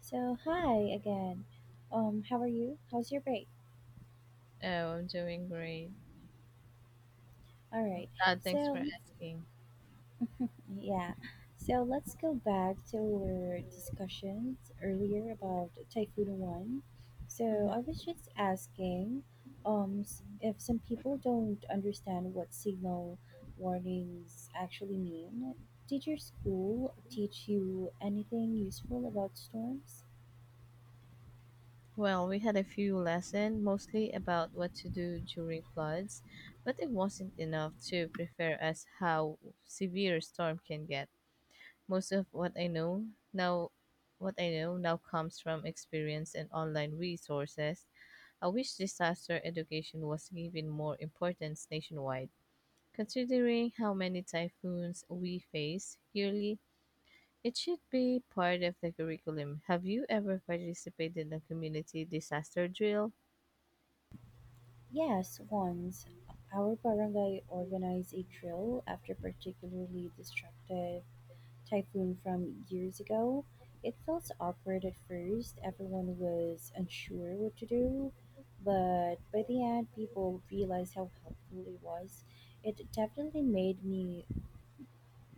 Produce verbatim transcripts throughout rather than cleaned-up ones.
So hi again. Um, how are you? How's your break? Oh, I'm doing great. All right. Uh, thanks for So asking. yeah. So let's go back to our discussions earlier about Typhoon One. So Mhm. I was just asking, um, s- if some people don't understand what signal warnings actually mean, did your school teach you anything useful about storms? Well, we had a few lessons, mostly about what to do during floods, but it wasn't enough to prepare us how severe storm can get. Most of what I know now, what I know now comes from experience and online resources. I wish disaster education was given more importance nationwide. Considering how many typhoons we face yearly, it should be part of the curriculum. Have you ever participated in a community disaster drill? Yes, once our barangay organized a drill after particularly destructive typhoon from years ago. It felt awkward at first, everyone was unsure what to do, but by the end, people realized how helpful it was. It definitely made me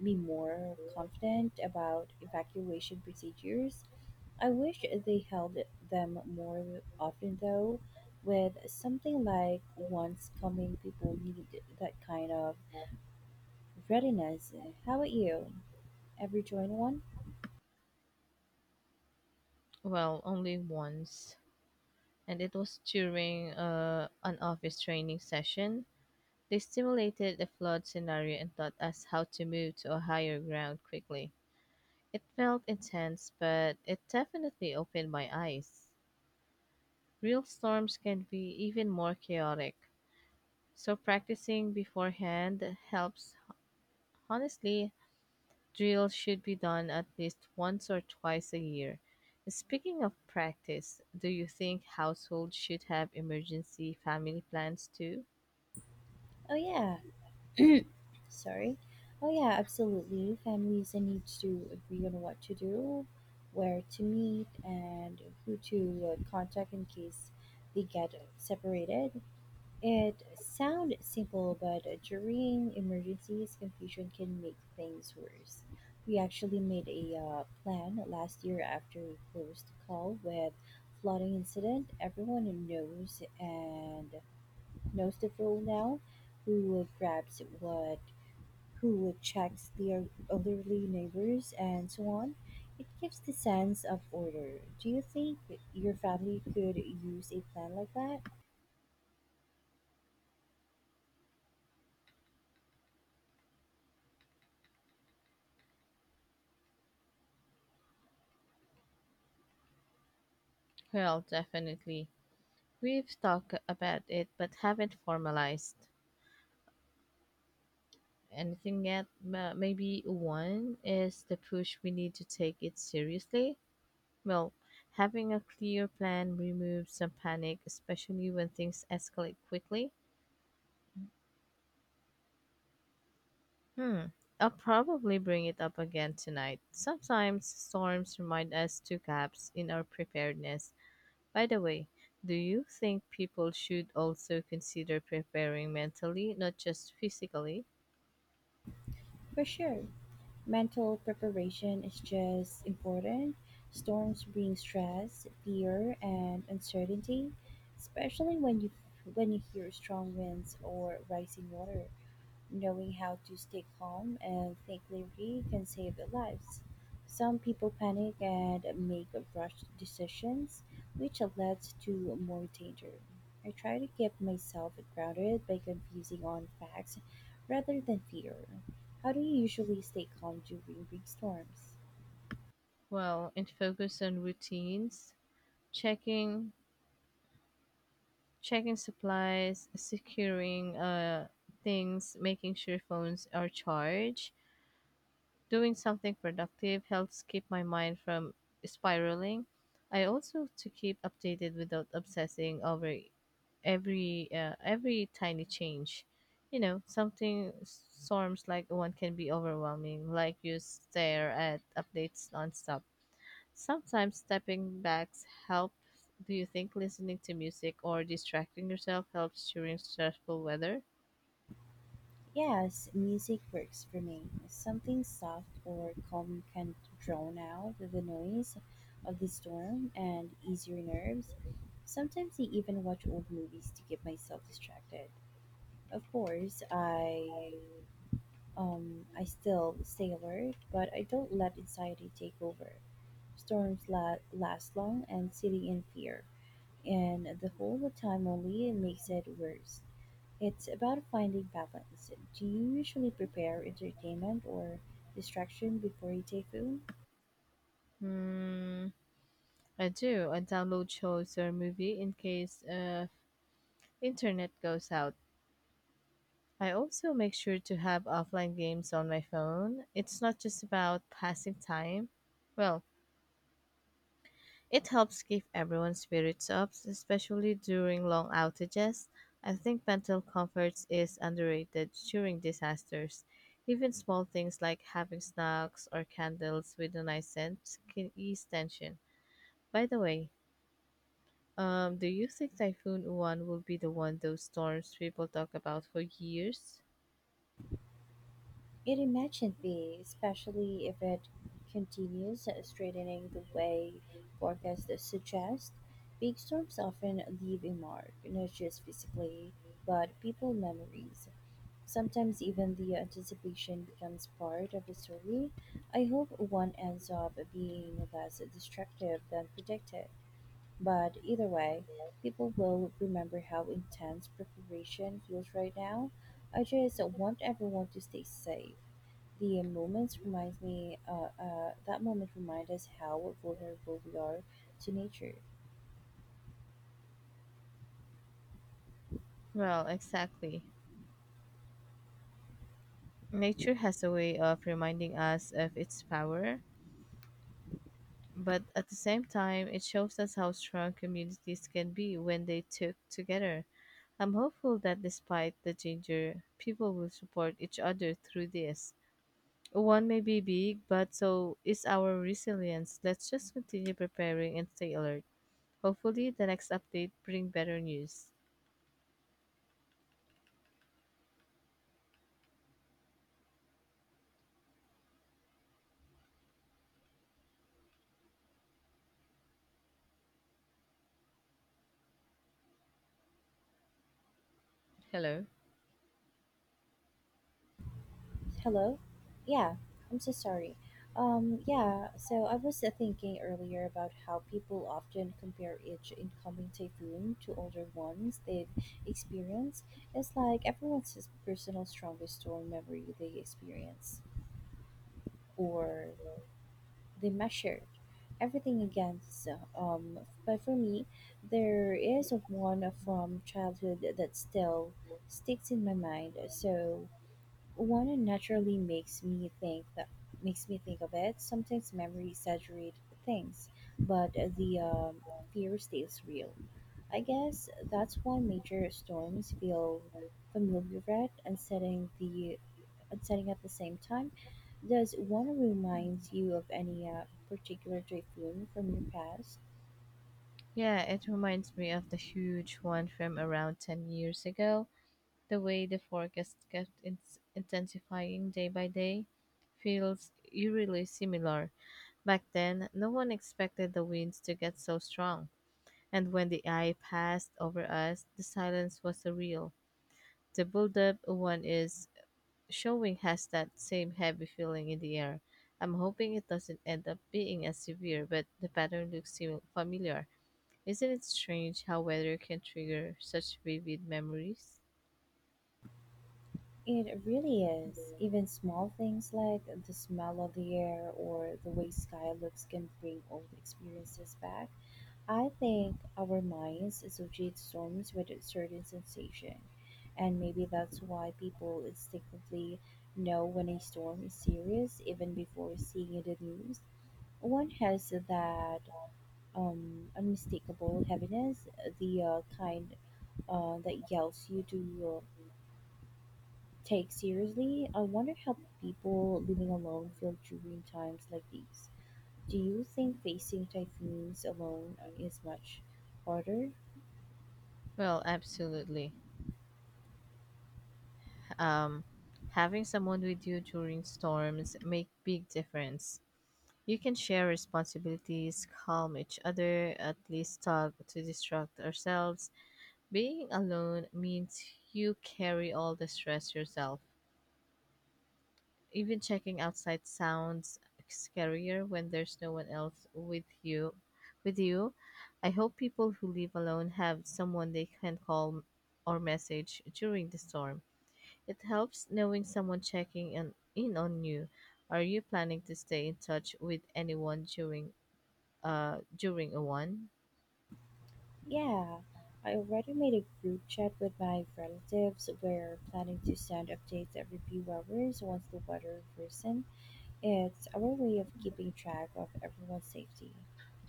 be more confident about evacuation procedures. I wish they held them more often, though. With something like once coming, people need that kind of readiness. How about you? Ever join one? Well, only once, and it was during uh, an office training session. They simulated a flood scenario and taught us how to move to a higher ground quickly. It felt intense, but it definitely opened my eyes. Real storms can be even more chaotic, so practicing beforehand helps, honestly. Drills should be done at least once or twice a year. Speaking of practice, do you think households should have emergency family plans too? Oh, yeah. Sorry. Oh, yeah, absolutely. Families need to agree on what to do, where to meet, and who to uh, contact in case they get separated. It sounds simple, but during emergencies, confusion can make things worse. We actually made a uh, plan last year after a close call with flooding incident. Everyone knows and knows the rule now. Who grabs what, who checks their elderly neighbors, and so on. It gives the sense of order. Do you think your family could use a plan like that? Well, definitely. We've talked about it but haven't formalized anything yet. Ma- Maybe one is the push we need to take it seriously. Well, having a clear plan removes some panic, especially when things escalate quickly. Hmm. I'll probably bring it up again tonight. Sometimes storms remind us to gaps in our preparedness. By the way, do you think people should also consider preparing mentally, not just physically? For sure, mental preparation is just important. Storms bring stress, fear, and uncertainty, especially when you when you hear strong winds or rising water. Knowing how to stay calm and think clearly can save lives. Some people panic and make rushed decisions, which leads to more danger. I try to keep myself grounded by confusing on facts rather than fear. How do you usually stay calm during big storms? Well, and focus on routines, checking checking supplies, securing uh things, making sure phones are charged. Doing something productive helps keep my mind from spiraling. I also to keep updated without obsessing over every uh, every tiny change. You know, something storms like one can be overwhelming, like you stare at updates nonstop. Sometimes stepping backs help. Do you think listening to music or distracting yourself helps during stressful weather? Yes, music works for me. Something soft or calm can drown out the noise of the storm and ease your nerves. Sometimes I even watch old movies to keep myself distracted. Of course, I um I still stay alert, but I don't let anxiety take over. Storms la- last long and sitting in fear, and the whole time only makes it worse. It's about finding balance. Do you usually prepare entertainment or distraction before you take food? Hmm, I do. I download shows or movie in case uh, internet goes out. I also make sure to have offline games on my phone. It's not just about passing time. Well, it helps keep everyone's spirits up, especially during long outages. I think mental comfort is underrated during disasters. Even small things like having snacks or candles with a nice scent can ease tension. By the way, um, do you think Typhoon One will be the one those storms people talk about for years? It imagine be, especially if it continues straightening the way forecasts suggest. Big storms often leave a mark, not just physically, but people memories. Sometimes even the anticipation becomes part of the story. I hope one ends up being less destructive than predicted. But either way, people will remember how intense preparation feels right now. I just want everyone to stay safe. The moments reminds me, uh, uh, that moment reminds us how vulnerable we are to nature. Well, exactly. Nature has a way of reminding us of its power, but at the same time, it shows us how strong communities can be when they took together. I'm hopeful that despite the danger, people will support each other through this. One may be big, but so is our resilience. Let's just continue preparing and stay alert. Hopefully, the next update bring better news. Hello. Hello? Yeah, I'm so sorry. Um, yeah, so I was uh, thinking earlier about how people often compare each incoming typhoon to older ones they've experienced. It's like everyone's his personal strongest storm memory they experience, or they measure everything against. Um, but for me, there is one from childhood that still sticks in my mind. So one naturally makes me think that makes me think of it. Sometimes memory exaggerate things, but the um, fear stays real. I guess that's why major storms feel familiar yet unsettling the unsettling at the same time. Does one remind you of any uh, particular typhoon from your past? Yeah, it reminds me of the huge one from around ten years ago. The way the forecast kept ins- intensifying day by day feels eerily similar. Back then, no one expected the winds to get so strong, and when the eye passed over us, the silence was surreal. The buildup one is showing has that same heavy feeling in the air. I'm hoping it doesn't end up being as severe, but the pattern looks sim- familiar. Isn't it strange how weather can trigger such vivid memories? It really is. Even small things like the smell of the air or the way sky looks can bring old experiences back. I think our minds associate storms with a certain sensation, and maybe that's why people instinctively know when a storm is serious even before seeing it in the news. One has that um, unmistakable heaviness, the uh, kind uh, that yells you to uh, take seriously. I wonder how people living alone feel during times like these. Do you think facing typhoons alone is much harder? Well, absolutely. Um, Having someone with you during storms make big difference. You can share responsibilities, calm each other, at least talk to distract ourselves. Being alone means you carry all the stress yourself. Even checking outside sounds scarier when there's no one else with you. With you, I hope people who live alone have someone they can call or message during the storm. It helps knowing someone checking in, in on you. Are you planning to stay in touch with anyone during uh during a one? Yeah, I already made a group chat with my relatives. We're planning to send updates every few hours once the weather worsens. It's our way of keeping track of everyone's safety.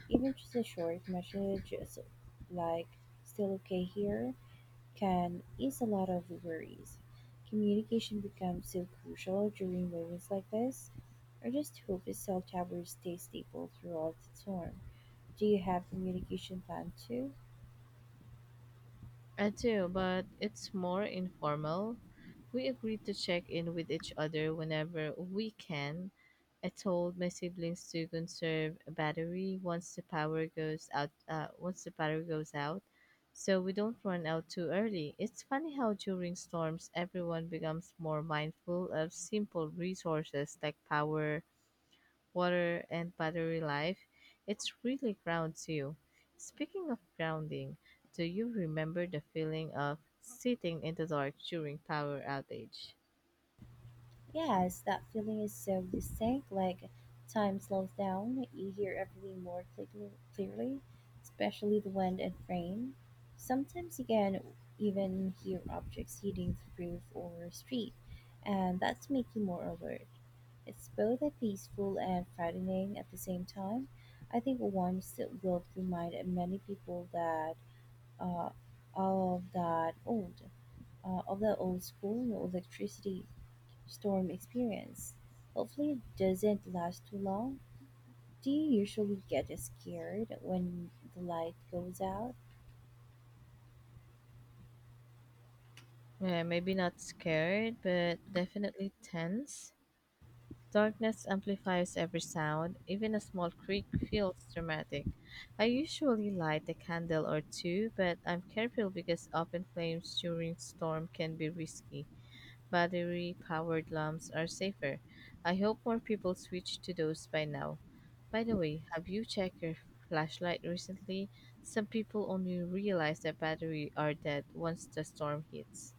Even just a short message is like still okay here can ease a lot of worries. Communication becomes so crucial during moments like this. I just hope the cell towers stay stable throughout the storm. Do you have communication plan too? I do, but it's more informal. We agree to check in with each other whenever we can. I told my siblings to conserve a battery once the power goes out. Uh, once the power goes out, so we don't run out too early. It's funny how during storms everyone becomes more mindful of simple resources like power, water, and battery life. It really grounds you. Speaking of grounding, do you remember the feeling of sitting in the dark during power outage? Yes, that feeling is so distinct, like time slows down, you hear everything more clearly, clearly, especially the wind and rain. Sometimes you can even hear objects hitting the roof or street, and that's make you more alert. It's both a peaceful and frightening at the same time. I think once it will remind many people that uh, of that old, uh, of the old school no electricity storm experience. Hopefully, it doesn't last too long. Do you usually get scared when the light goes out? Eh, maybe not scared, but definitely tense. Darkness amplifies every sound, even a small creak feels dramatic. I usually light a candle or two, but I'm careful because open flames during storm can be risky. Battery-powered lamps are safer. I hope more people switch to those by now. By the way, have you checked your flashlight recently? Some people only realize that batteries are dead once the storm hits.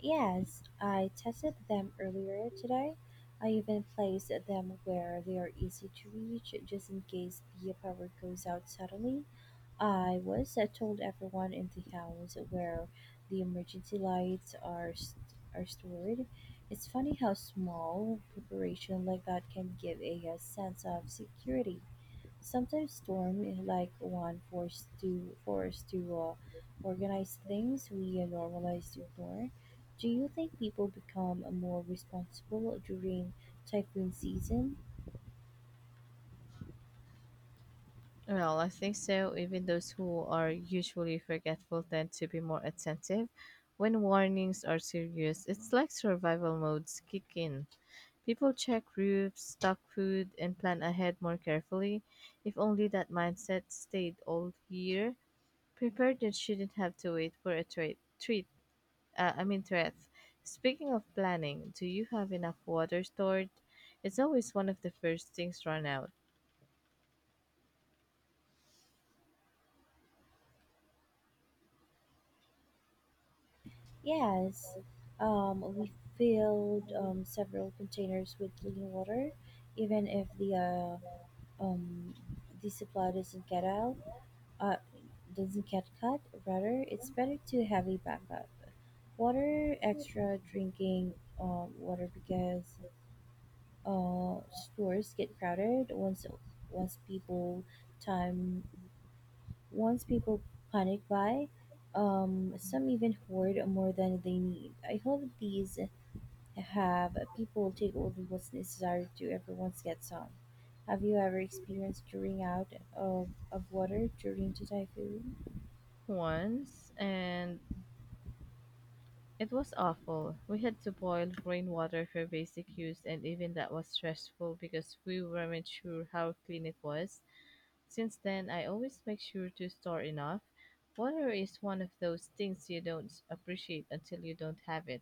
Yes, I tested them earlier today. I even placed them where they are easy to reach just in case the power goes out suddenly. I was uh, told everyone in the house where the emergency lights are st- are stored. It's funny how small preparation like that can give a, a sense of security. Sometimes storm is like one forced to force to uh, organize things we uh, normalize to ignore. Do you think people become more responsible during typhoon season? Well, I think so. Even those who are usually forgetful tend to be more attentive. When warnings are serious, it's like survival modes kick in. People check roofs, stock food, and plan ahead more carefully. If only that mindset stayed all year, preparedness shouldn't have to wait for a tra- treat. Uh, I mean, threat. Speaking of planning, do you have enough water stored? It's always one of the first things run out. Yes. Um, we filled um, several containers with clean water, even if the uh, um, the supply doesn't get out, uh, doesn't get cut. Rather, it's better to have a backup. Water extra drinking uh, water because uh, stores get crowded once once people time once people panic buy. Um, some even hoard more than they need. I hope these have people take only what's necessary to everyone gets some. Have you ever experienced drawing out of, of water during the typhoon? Once, and it was awful. We had to boil rainwater for basic use, and even that was stressful because we weren't sure how clean it was. Since then, I always make sure to store enough. Water is one of those things you don't appreciate until you don't have it,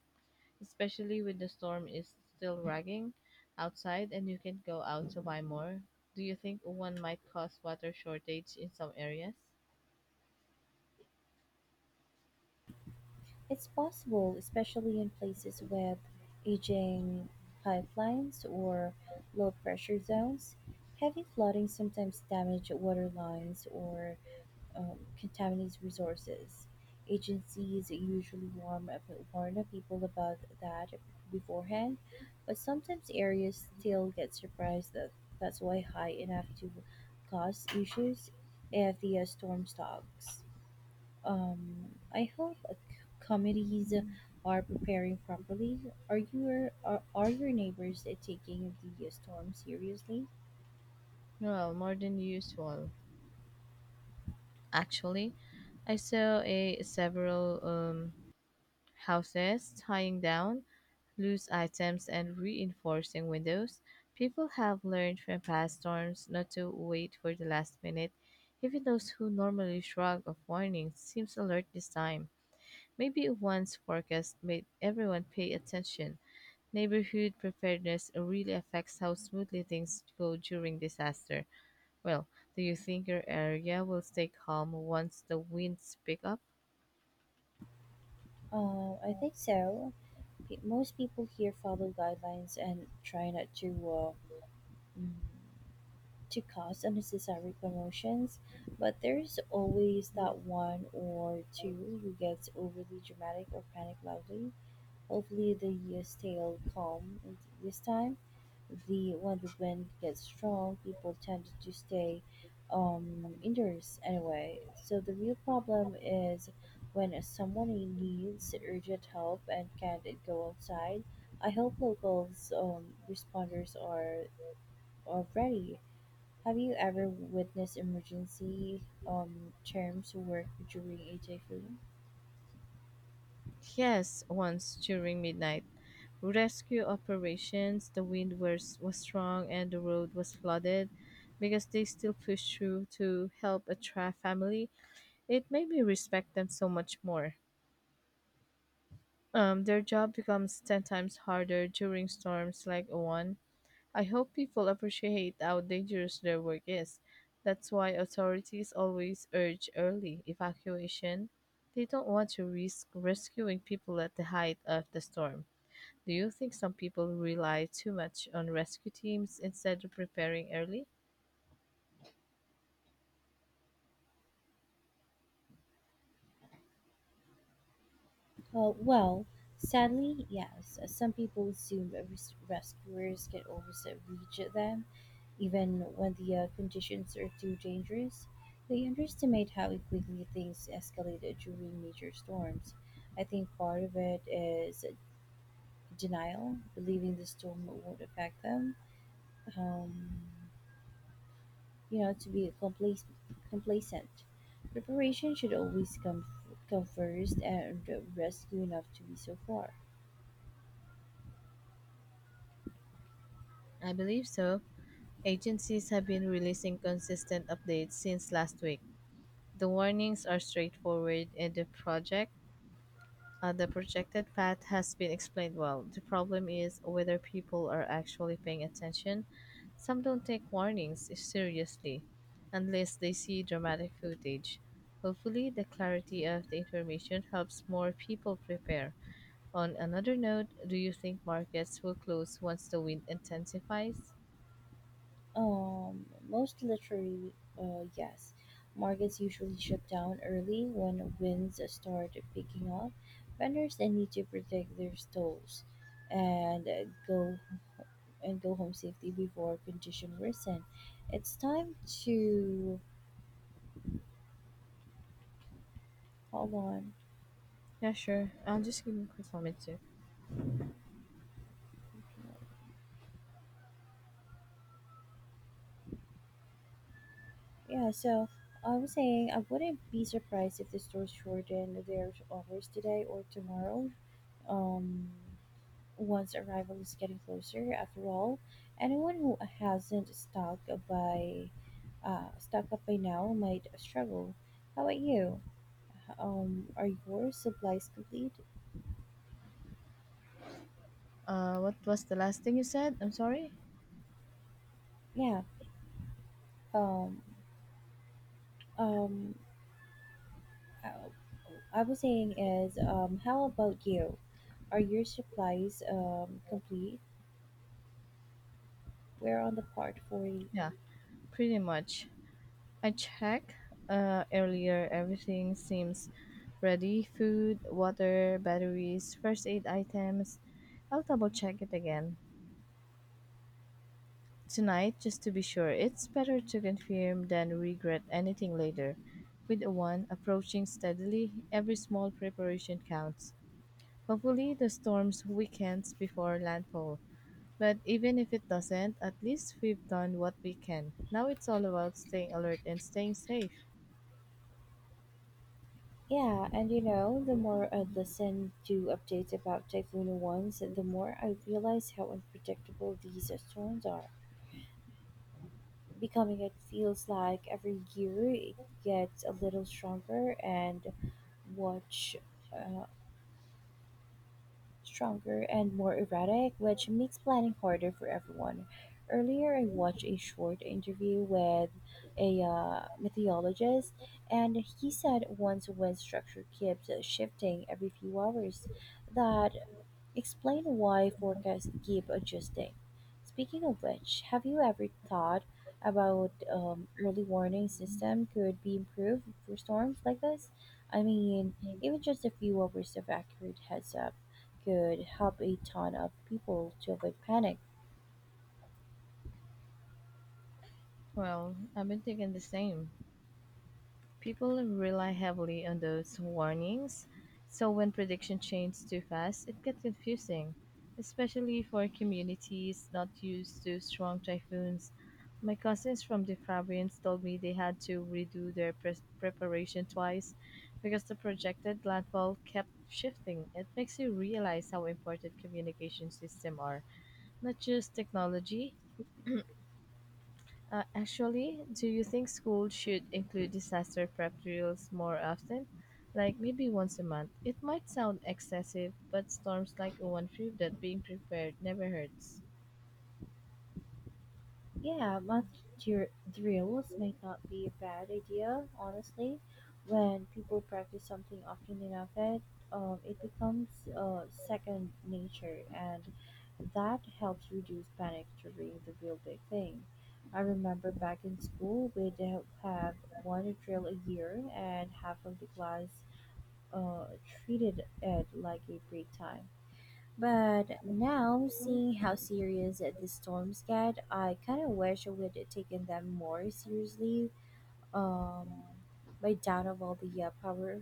especially when the storm is still raging outside and you can not go out to buy more. Do you think one might cause water shortage in some areas? It's possible, especially in places with aging pipelines or low pressure zones. Heavy flooding sometimes damages water lines or um, contaminates resources. Agencies usually warm up, warn up people about that beforehand, but sometimes areas still get surprised that that's why high enough to cause issues if the uh, storm stalks. Um, I hope uh, c- communities are preparing properly. Are your are, are your neighbors uh, taking the uh, storm seriously? Well, more than usual. Actually, I saw a several um, houses tying down loose items, and reinforcing windows. People have learned from past storms not to wait for the last minute. Even those who normally shrug off warnings seems alert this time. Maybe one's forecast made everyone pay attention. Neighborhood preparedness really affects how smoothly things go during disaster. Well, do you think your area will stay calm once the winds pick up? Uh, I think so. Pe- Most people here follow guidelines and try not to uh, mm, to cause unnecessary commotions, but there's always that one or two who gets overly dramatic or panic loudly. Hopefully, they stay calm and this time. The when the wind gets strong, people tend to stay um, indoors anyway. So the real problem is when someone needs urgent help and can't go outside. I hope locals um, responders are are ready Have you ever witnessed emergency um, terms work during a typhoon? Yes, once during midnight, rescue operations. The wind was, was strong and the road was flooded because they still pushed through to help a Tra family. It made me respect them so much more. Um, their job becomes ten times harder during storms like one. I hope people appreciate how dangerous their work is. That's why authorities always urge early evacuation. They don't want to risk rescuing people at the height of the storm. Do you think some people rely too much on rescue teams instead of preparing early? Uh, well, sadly, yes. Some people assume that res- rescuers can always uh, reach them, even when the uh, conditions are too dangerous. They underestimate how quickly things escalate during major storms. I think part of it is denial, believing the storm won't affect them. Um, you know to be complac- complacent. Preparation should always come come first, and rescue enough to be so far. I believe so. Agencies have been releasing consistent updates since last week. The warnings are straightforward and the project uh, the projected path has been explained well. The problem is whether people are actually paying attention. Some don't take warnings seriously unless they see dramatic footage. Hopefully, the clarity of the information helps more people prepare. On another note, do you think markets will close once the wind intensifies? Um, most literally, uh, yes, markets usually shut down early when winds start picking up. Vendors then need to protect their stalls and uh, go and go home safely before condition worsen. It's time to hold on. Yeah, sure. I'll just give you a quick moment too. Yeah, so I was saying I wouldn't be surprised if the stores shorten their hours today or tomorrow. Um, Once arrival is getting closer, after all, anyone who hasn't stocked by uh, stocked up by now might struggle. How about you? Um, are your supplies complete? Uh, what was the last thing you said? I'm sorry. Yeah. Um, um, I, I was saying is um, how about you? Are your supplies um complete? We're on the part for. Yeah. Pretty much. I checked uh, earlier. Everything seems ready: food, water, batteries, first aid items. I'll double check it again tonight just to be sure. It's better to confirm than regret anything later. With the one approaching steadily, every small preparation counts. Hopefully, the storms weakens before landfall. But even if it doesn't, at least we've done what we can. Now it's all about staying alert and staying safe. Yeah, and you know, the more I listen to updates about Typhoon ones, the more I realize how unpredictable these storms are. Becoming it feels like every year it gets a little stronger and watch uh, stronger and more erratic, which makes planning harder for everyone. Earlier, I watched a short interview with a uh, meteorologist, and he said once when structure keeps shifting every few hours, that explain why forecasts keep adjusting. Speaking of which, have you ever thought about um, early warning system could be improved for storms like this? I mean, even just a few hours of accurate heads up could help a ton of people to avoid panic. Well, I've been thinking the same. People rely heavily on those warnings, so when prediction change too fast, it gets confusing, especially for communities not used to strong typhoons. My cousins from the province told me they had to redo their pre- preparation twice because the projected landfall kept shifting. It makes you realize how important communication systems are, not just technology, uh, actually, do you think schools should include disaster prep drills more often? Like maybe once a month. It might sound excessive, but storms like one prove that being prepared never hurts. Yeah, month dr- drills might not be a bad idea, honestly. When people practice something often enough, it um, it becomes uh, second nature, and that helps reduce panic during the real big thing. I remember back in school, we'd have have one drill a year, and half of the class uh, treated it like a break time but now, seeing how serious the storms get, I kind of wish I would have taken them more seriously um, by down of all the uh, power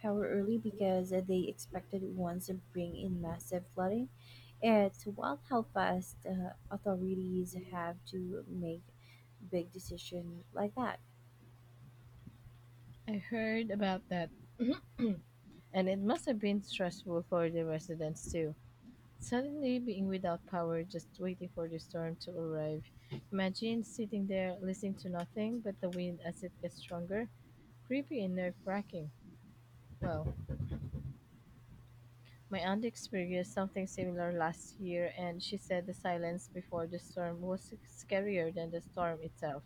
power early because they expected once to bring in massive flooding. It's wild how fast uh, authorities have to make big decision like that. I heard about that, and it must have been stressful for the residents too. Suddenly being without power, just waiting for the storm to arrive. Imagine sitting there listening to nothing but the wind as it gets stronger. Creepy and nerve wracking. Wow. My aunt experienced something similar last year, and she said the silence before the storm was scarier than the storm itself.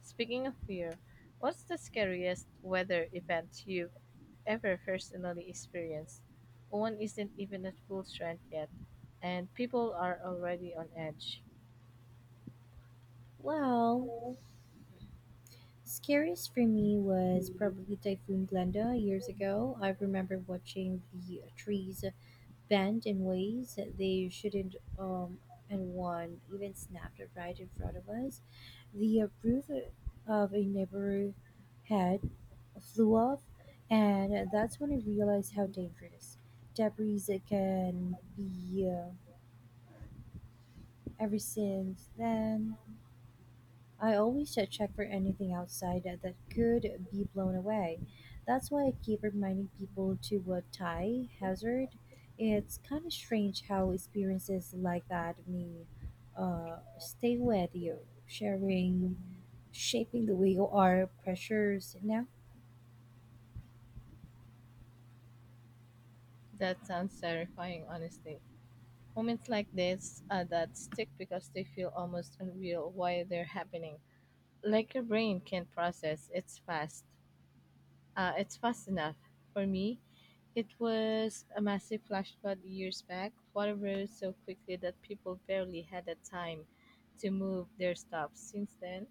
Speaking of fear, what's the scariest weather event you've ever personally experienced? One isn't even at full strength yet, and people are already on edge. Well, scariest for me was probably Typhoon Glenda years ago. I remember watching the trees bent in ways that they shouldn't, um, and one even snapped right in front of us. The roof of a neighbor's head flew off, and that's when I realized how dangerous debris it can be. Uh, ever since then, I always uh, check for anything outside uh, that could be blown away. That's why I keep reminding people to uh, tie hazard. It's kind of strange how experiences like that may uh, stay with you, sharing, shaping the way you are, pressures now. That sounds terrifying, honestly. Moments like this are that stick because they feel almost unreal while they're happening. Like your brain can't process, it's fast. Uh, it's fast enough. For me, it was a massive flash flood years back. Water rose so quickly that people barely had the time to move their stops. Since then,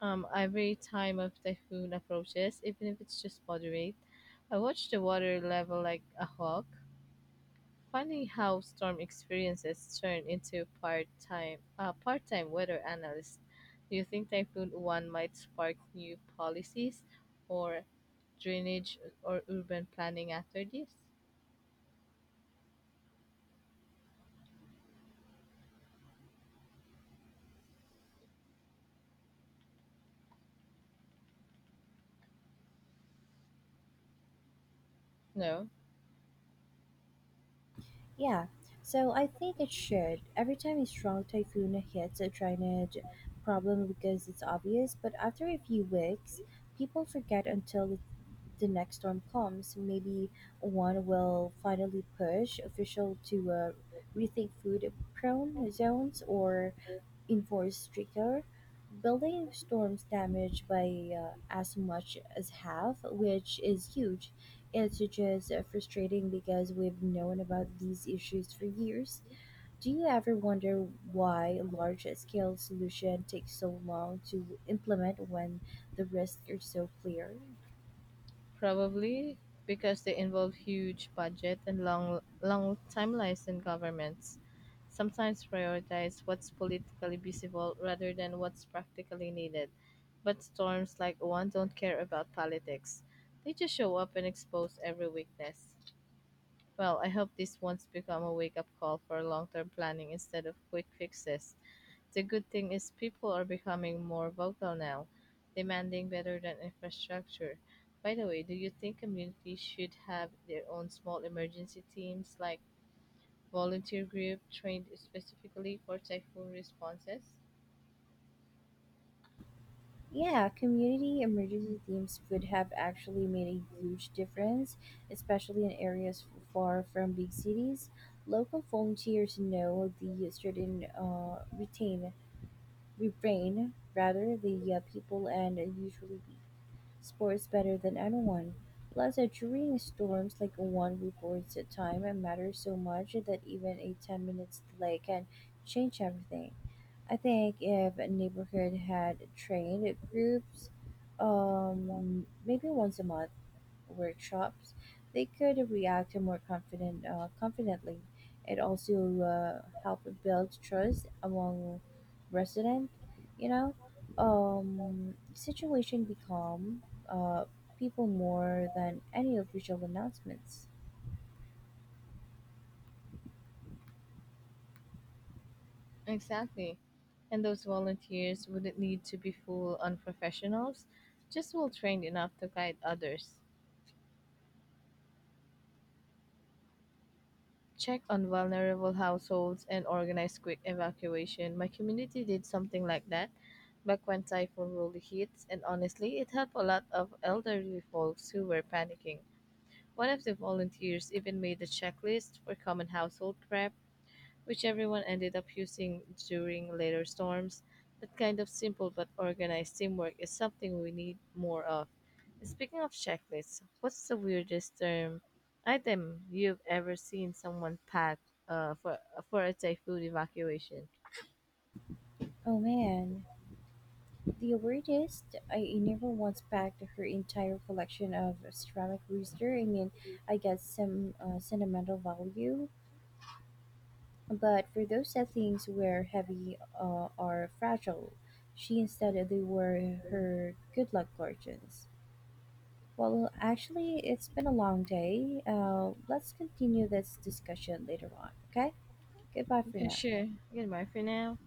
um, every time a typhoon approaches, even if it's just moderate, I watch the water level like a hawk. Funny how storm experiences turn into part-time uh, part-time weather analysts. Do you think Typhoon One might spark new policies or drainage or urban planning after this? No. Yeah, so I think it should. Every time a strong typhoon hits, a drainage problem because it's obvious, but after a few weeks, people forget until the, the next storm comes. So, maybe one will finally push official to uh, rethink food prone zones or enforce stricter building storms damage by uh, as much as half, which is huge. It's just uh, frustrating because we've known about these issues for years. Do you ever wonder why large scale solution takes so long to implement when the risks are so clear? Probably because they involve huge budget and long long timelines in governments. Sometimes prioritize what's politically visible rather than what's practically needed. But storms like one don't care about politics. They just show up and expose every weakness. Well, I hope this one's become a wake up call for long term planning instead of quick fixes. The good thing is people are becoming more vocal now, demanding better than infrastructure. By the way, do you think communities should have their own small emergency teams like volunteer group trained specifically for typhoon responses? Yeah, community emergency teams would have actually made a huge difference, especially in areas f- far from big cities. Local volunteers know the certain uh, retain, rebrain rather the uh, people and usually be sports better than anyone. Plus, uh, during storms like one reports at time, it matters so much that even a ten minutes delay can change everything. I think if a neighborhood had trained groups, um, maybe once a month workshops, they could react more confident, uh, confidently. It also uh, helped build trust among residents. You know, um, situation become uh, people more than any official announcements. Exactly. And those volunteers wouldn't need to be full on professionals, just well trained enough to guide others, check on vulnerable households, and organize quick evacuation. My community did something like that back when typhoon really hits, and honestly, it helped a lot of elderly folks who were panicking. One of the volunteers even made a checklist for common household prep which everyone ended up using during later storms. That kind of simple but organized teamwork is something we need more of. Speaking of checklists, what's the weirdest term item you've ever seen someone pack uh, for for a typhoon evacuation? Oh man, the weirdest, I never once packed her entire collection of ceramic rooster. I mean, I get some uh, sentimental value, but for those settings where heavy uh, are fragile, she instead they were her good luck gorgeons. Well, actually, it's been a long day. Uh, let's continue this discussion later on. Okay, goodbye You for can now. share. You can bye for now.